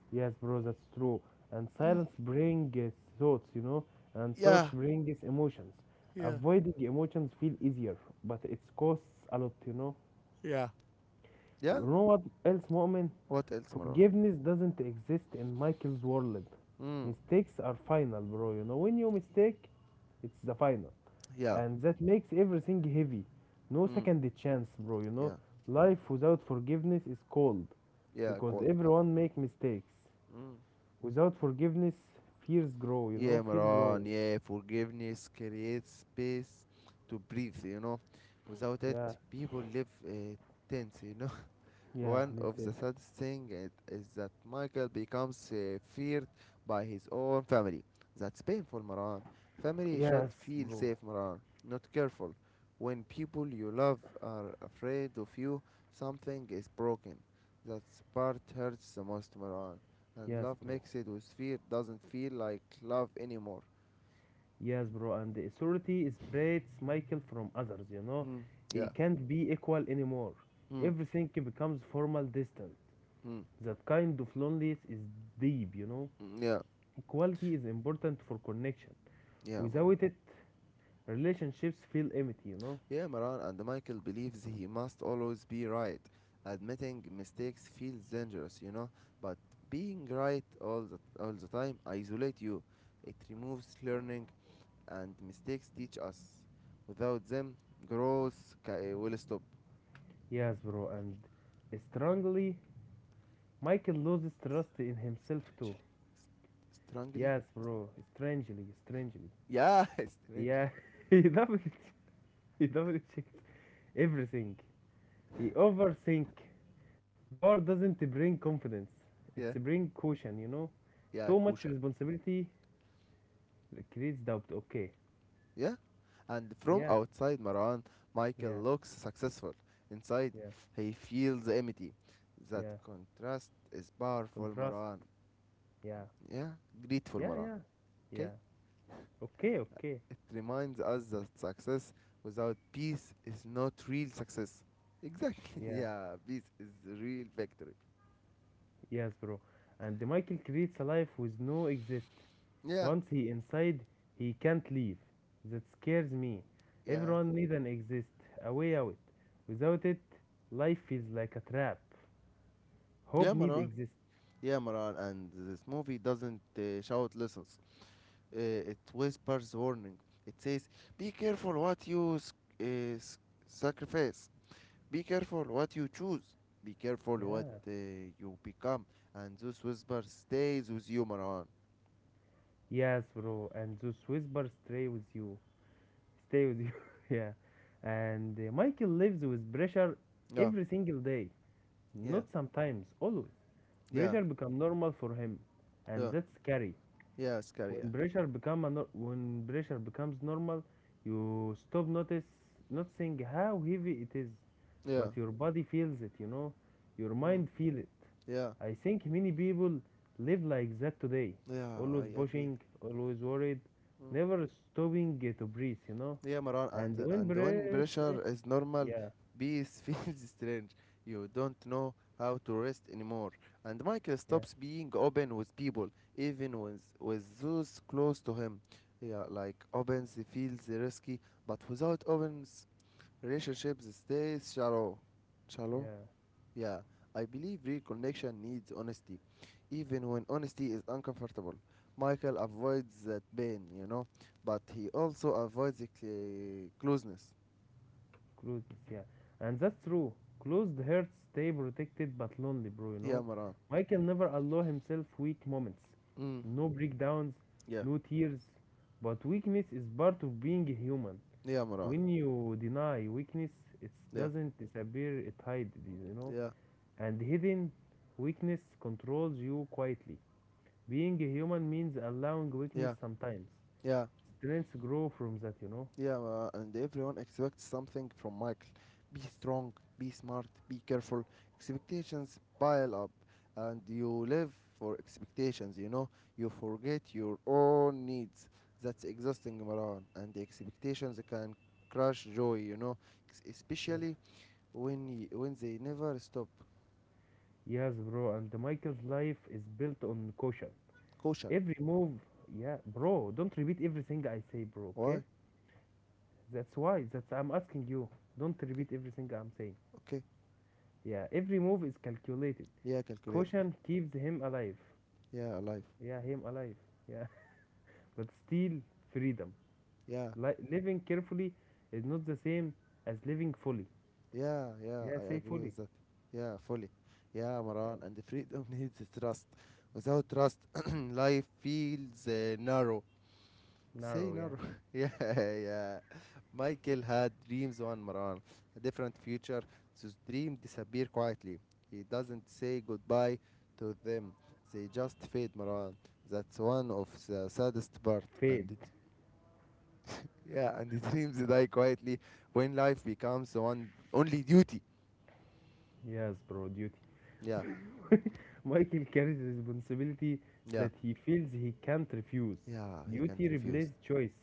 yes, bro, that's true. And silence brings thoughts, you know, and thoughts
Yeah,
brings emotions.
yeah,
Avoiding emotions feel easier, but it costs a lot, you know.
Yeah.
You
Yeah.
know what else, Mu'min?
What else, Maran?
Forgiveness doesn't exist in Michael's world.
Mm,
Mistakes are final, bro. You know, when you mistake, it's the final.
yeah,
And that makes everything heavy. No
Mm,
second chance, bro. You know,
yeah,
life without forgiveness is cold
yeah,
because
Cold.
everyone make mistakes.
Mm.
Without forgiveness, fears grow, you know,
Yeah,
fear
Maran,
grows.
yeah, forgiveness creates space to breathe, you know. Without it,
Yeah,
people live tense, you know.
yeah,
One of the
lifted.
saddest things is, that Michael becomes feared by his own family. That's painful, Maran. Family should
Yes,
feel
bro.
safe, Maran, not careful. When people you love are afraid of you, something is broken. That part hurts the most, Maran. And
Yes,
love
bro.
mixed with fear doesn't feel like love anymore.
Yes, bro, and the authority separates Michael from others, you know.
Hmm.
He
Yeah.
can't be equal anymore.
Hmm.
Everything becomes formal distant.
Hmm.
That kind of loneliness is deep, you know.
Mm, Yeah.
Equality is important for connection.
Yeah, Maran.
Without it, relationships feel empty, you know.
Yeah, Maran and Michael believes he must always be right. Admitting mistakes feels dangerous, you know, but being right all the time isolate you. It removes learning and mistakes teach us. Without them, growth will stop.
Yes, bro, and strangely, Michael loses trust in himself
Strangely.
too.
Strangely?
Yes, bro, strangely, strangely.
Yeah, strangely.
Yeah, he double he double checks everything. He overthink. Bar doesn't bring confidence. It's
Yeah,
bring caution, you know? Too
yeah,
much
Kusha.
responsibility creates doubt. Okay.
Yeah? And from
Yeah.
outside, Marwan, Michael
Yeah.
looks successful. Inside,
Yeah.
he feels empty. That
Yeah.
contrast is powerful,
Contrast.
Marwan.
Yeah.
Yeah? Grateful,
Yeah.
Marwan.
Yeah.
Okay?
Yeah. Okay. Okay.
It reminds us that success without peace is not real success. Exactly.
Yeah.
Yeah, peace is real victory.
Yes, bro. And Michael creates a life with no exist.
Yeah,
Once he inside, he can't leave. That scares me.
yeah.
Everyone need an exist, a way out. Without it, life feels like a trap. Hope
Yeah,
need
Marwan.
exist.
Yeah, Marwan. And this movie doesn't shout lessons. It whispers warning. It says, "Be careful what you uh, s- sacrifice. Be careful what you choose. Be careful what
Yeah.
you become." And this whisper stays with you, Marwan.
Yes, bro. And those whispers stay with you. Stay with you. yeah. And Michael lives with pressure
Yeah,
every single day.
yeah,
Not sometimes, always.
yeah,
Pressure become normal for him.
yeah,
And that's scary.
yeah, Scary. Yeah,
When pressure become a nor- When pressure becomes normal, you stop notice noticing how heavy it is,
yeah,
but your body feels it. You know, your
mm.
mind feel it.
Yeah,
I think many people live like that today,
yeah. I
always
agree.
pushing, always worried,
Mm.
never stopping to breathe. You know,
Yeah, Maran, and
and when
when
breath,
pressure is normal,
yeah,
peace feels strange. You don't know how to rest anymore. And Michael
yeah,
stops being open with people, even with those close to him. Yeah, like opens feels risky, but without opens, relationships stays shallow. Shallow.
yeah.
Yeah, I believe real connection needs honesty, even when honesty is uncomfortable. Michael avoids that pain, you know, but he also avoids the closeness.
Closeness, yeah. And that's true. Closed hearts stay protected but lonely, bro, you
Yeah,
know.
Maran.
Michael never allow himself weak moments.
Mm.
No breakdowns,
Yeah,
no tears. But weakness is part of being human.
yeah, Maran.
When you deny weakness, it
Yeah,
doesn't disappear, it hides, it, you know.
yeah,
And hidden weakness controls you quietly. Being a human means allowing weakness
yeah,
sometimes.
yeah.
Strengths grow from that, you know.
Yeah, and everyone expects something from Michael. Be strong, be smart, be careful. Expectations pile up, and you live for expectations, you know? You forget your own needs. That's exhausting, Maran. And the expectations can crush joy, you know?
Yeah.
Especially when they never stop.
Yes, bro, and Michael's life is built on caution.
Caution.
Every move, yeah, bro, don't repeat everything I say, bro, okay?
Why?
That's why, that's I'm asking you. Don't
Okay,
repeat everything I'm saying.
okay.
Yeah, every move is calculated.
Yeah, calculated.
Caution keeps him alive.
Yeah, alive.
Yeah, him alive. Yeah, but still, freedom.
Yeah,
Living carefully is not the same as living fully.
Yeah, yeah,
Yeah,
I
say
agree
fully.
with that. Yeah, fully. Yeah,
Yeah,
Maran, and the freedom needs trust. Without trust, life feels narrow. Say
narrow, yeah.
narrow. yeah, yeah. Michael had dreams on Maran, a different future. Those dreams disappear quietly. He doesn't say goodbye to them. They just fade, Maran. That's one of the saddest part.
Fade.
And it, yeah, and the dreams die quietly when life becomes one only duty.
Yes, bro, duty.
Yeah,
Michael carries responsibility
yeah.
that he feels he can't refuse.
Yeah, he can't
Duty
refuse.
replaces choice,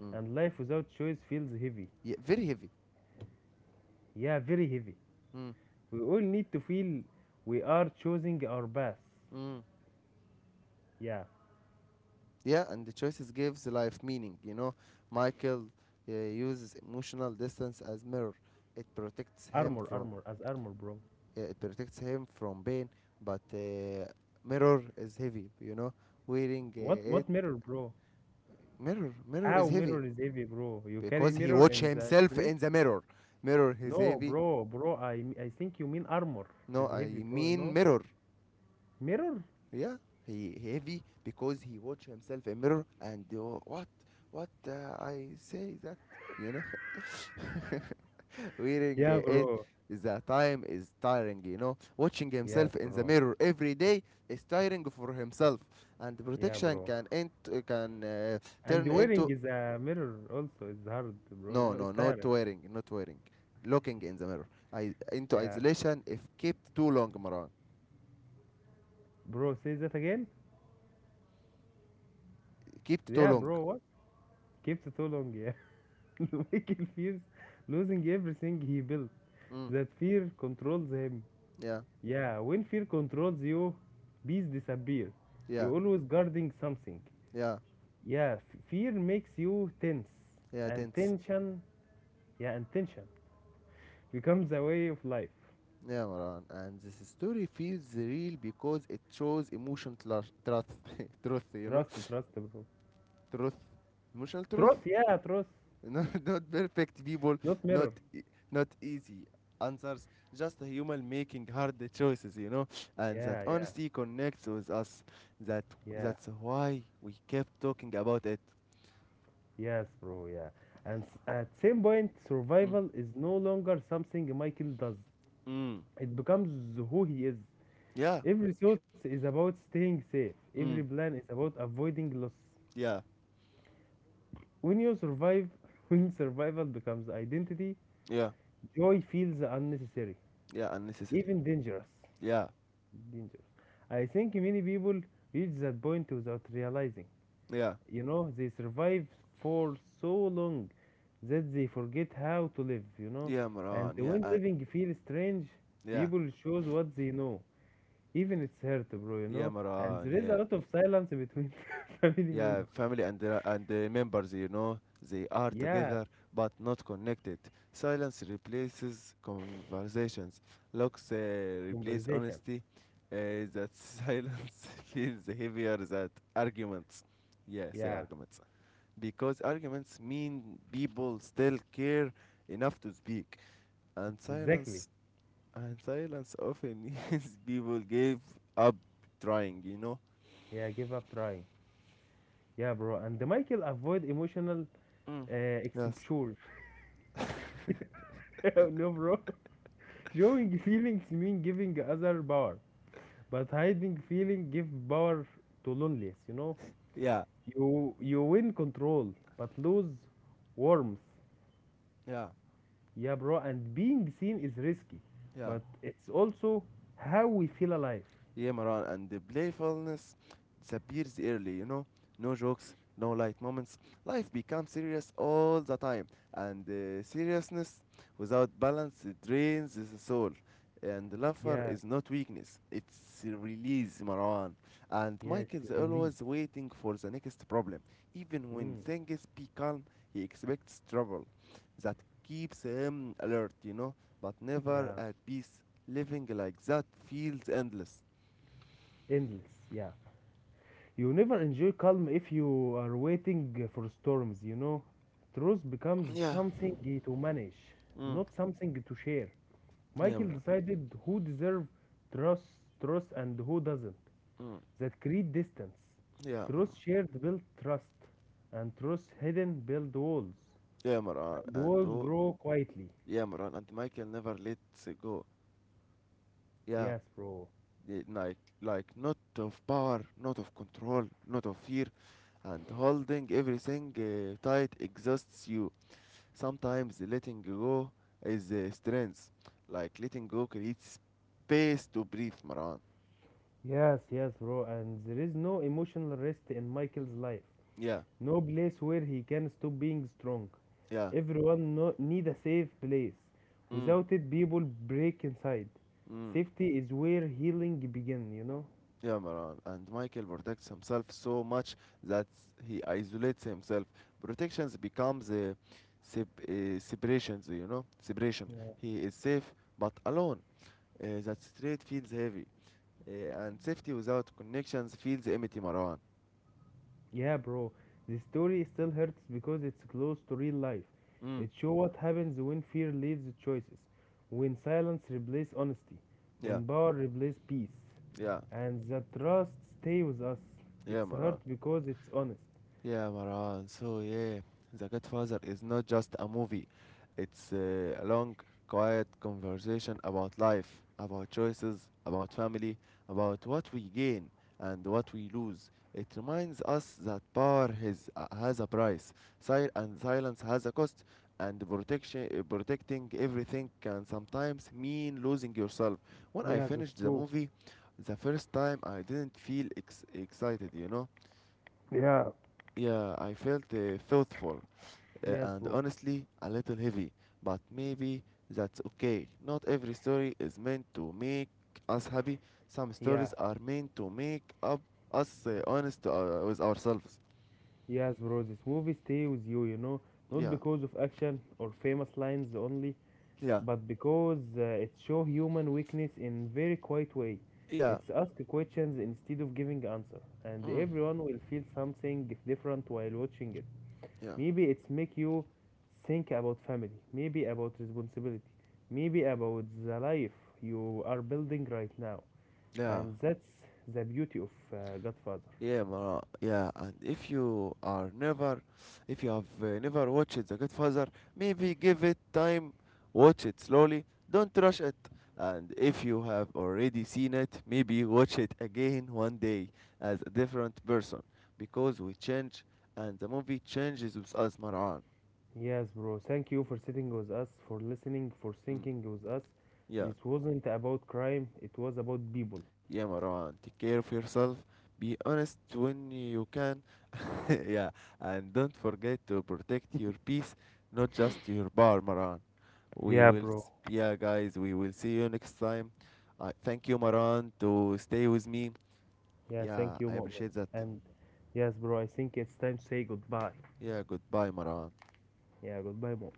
Mm.
and life without choice feels heavy.
Yeah, very heavy.
Yeah, very heavy.
Mm.
We all need to feel we are choosing our path.
Mm.
Yeah,
Yeah, and the choices gives life meaning. You know, Michael uses emotional distance as mirror. It protects him
armor,
from
armor, as armor, bro.
pain, but mirror is heavy. You know, wearing uh,
What
it
mirror, bro?
Mirror
How
is heavy
mirror is heavy, bro? You carry
because he
mirror
watch
in the
himself
street?
in the mirror. Mirror is
No,
heavy.
bro, bro. I think you mean armor is
No, I
heavy, bro. You
mean
know,
mirror.
mirror.
Yeah, he heavy because he watch himself a mirror and what I say that you know wearing
Yeah,
it
bro.
the time is tiring you know watching
Yes,
himself in the
bro.
mirror every day is tiring for himself and
Yeah,
protection
bro.
can can
And
turn
wearing
into
is a mirror also is hard, bro.
no
No,
no
it's
not
tiring.
wearing not wearing looking in the mirror I into
Yeah,
isolation if kept too long Maran
bro. Say that again.
kept too
Yeah,
long
bro. What? Kept too long. Yeah. Michael fears losing everything he built.
mm,
That fear controls him.
yeah
Yeah, when fear controls you, bees disappear.
yeah
You're always guarding something.
yeah
Yeah, fear makes you tense,
yeah,
and
tense.
tension. Yeah, and tension becomes a way of life.
Yeah, Maran. And this story feels real because it shows emotional truth, truth, you know,
Trust, trust, bro.
truth, emotional truth.
Trust. Yeah, trust.
Not perfect people,
Not
not
mirror.
e- not easy answers, just a human making hard choices, you know. And that
Yeah, yeah,
honesty connects with us. That
yeah,
that's why we kept talking about it.
yes, bro, yeah. And at same point,
Mm.
survival is no longer something Michael does.
Mm.
It becomes who he is.
Yeah.
Every thought is about staying safe. Every
Mm.
plan is about avoiding loss.
Yeah.
When you survive, when survival becomes identity,
Yeah.
joy feels unnecessary,
Yeah. Unnecessary.
even dangerous.
Yeah.
Dangerous. I think many people reach that point without realizing.
Yeah.
You know, they survive for so long that they forget how to live, you know.
Yeah,
And
Maran. Yeah.
when
Uh,
living feels strange,
yeah.
people shows what they know. Even it's hurt, bro, you
Yeah,
know. And
Maran.
there is a
Yeah.
lot of silence between family
Yeah
members.
family and the members you know they are
Yeah,
together but not connected silence replaces conversations looks replace
conversation.
honesty that silence feels heavier than arguments yeah say
Yeah,
arguments because arguments mean people still care enough to speak and
exactly.
silence and silence often means people give up trying you know
Yeah, give up trying. Yeah, bro. And Michael avoid emotional
mm. Yes
exposure. no, bro. Showing feelings mean giving other power. But hiding feeling give power to loneliness, you know?
yeah
You win control but lose warmth.
yeah
Yeah, bro, and being seen is risky.
yeah
But it's also how we feel alive.
Yeah, Maran, and the playfulness disappears early, you know? No jokes, no light moments. Life becomes serious all the time, and seriousness without balance it drains the soul. And laughter
Yeah,
is not weakness, it's release, Maran. And
yeah, it's
Michael's
a release.
always waiting for the next problem. Even when
Mm,
things become, he expects trouble. That keeps him alert, you know, but never
yeah.
at peace. Living like that feels endless.
Endless, yeah. You never enjoy calm if you are waiting for storms, you know? Truth becomes
Yeah.
something to manage,
Mm.
not something to share.
Yeah,
Michael
Imran.
decided who deserved trust, trust and who doesn't.
Mm.
That create distance.
Yeah, Imran.
Trust shared build trust, and trust hidden build walls,
Yeah, Imran.
and
And
walls
who?
grow quietly.
Yeah, Imran. And Michael never lets go. Yeah.
Yes, bro.
Like not of power, not of control, not of fear, and holding everything tight exhausts you. Sometimes letting go is strength. Like letting go creates space to breathe, Maran.
Yes, yes, bro. And there is no emotional rest in Michael's life.
Yeah,
No place where he can stop being strong.
yeah.
Everyone need a safe place.
Mm,
Without it, people break inside.
mm.
Safety is where healing begin. You know.
Yeah, Maran. And Michael protects himself so much that he isolates himself. Protections becomes a separations, you know, separation. He is safe but alone. That straight feels heavy, and safety without connections feels empty, Maran.
Yeah, bro. The story still hurts because it's close to real life.
Mm.
It shows what happens when fear leads the choices, when silence replaces honesty,
Yeah,
when power replaces peace,
yeah,
and the trust stay with us.
yeah,
It's hurt
Maran.
because it's honest.
Yeah, Maran. So, yeah, The Godfather is not just a movie, it's a long, quiet conversation about life, about choices, about family, about what we gain and what we lose. It reminds us that power has a price, and silence has a cost, and protecting everything can sometimes mean losing yourself. When I
Yeah, that's
finished the
true.
movie, the first time I didn't feel excited, you know
Yeah.
yeah, I felt thoughtful
Yes,
and
bro.
honestly a little heavy, but maybe that's okay. Not every story is meant to make us happy. Some
Yeah.
stories are meant to make up us honest with ourselves.
Yes, bro. This movie stay with you, you know, not
Yeah,
because of action or famous lines only,
yeah,
but because it show human weakness in very quiet way.
yeah,
It's ask questions instead of giving answer, and
mm,
everyone will feel something different while watching it.
yeah,
Maybe it's make you think about family, maybe about responsibility, maybe about the life you are building right now.
yeah.
And that's the beauty of Godfather.
Yeah, Mara. Yeah, and if you are never, if you have never watched The Godfather, maybe give it time, watch it slowly, don't rush it. And if you have already seen it, maybe watch it again one day as a different person, because we change and the movie changes with us, Marwan.
Yes, bro, thank you for sitting with us, for listening, for
Mm.
thinking with us.
Yeah,
This wasn't about crime, it was about people.
yeah, Marwan. Take care of yourself. Be honest when you can, yeah, and don't forget to protect your peace, not just your bar, Maran. We
Yeah,
will,
bro.
yeah, guys, we will see you next time. I thank you, Maran, to stay with me.
Yeah,
Yeah,
thank you,
I
Mu'min.
appreciate that.
And yes, bro, I think it's time to say goodbye.
Yeah, goodbye, Maran.
Yeah, goodbye, Mu'min.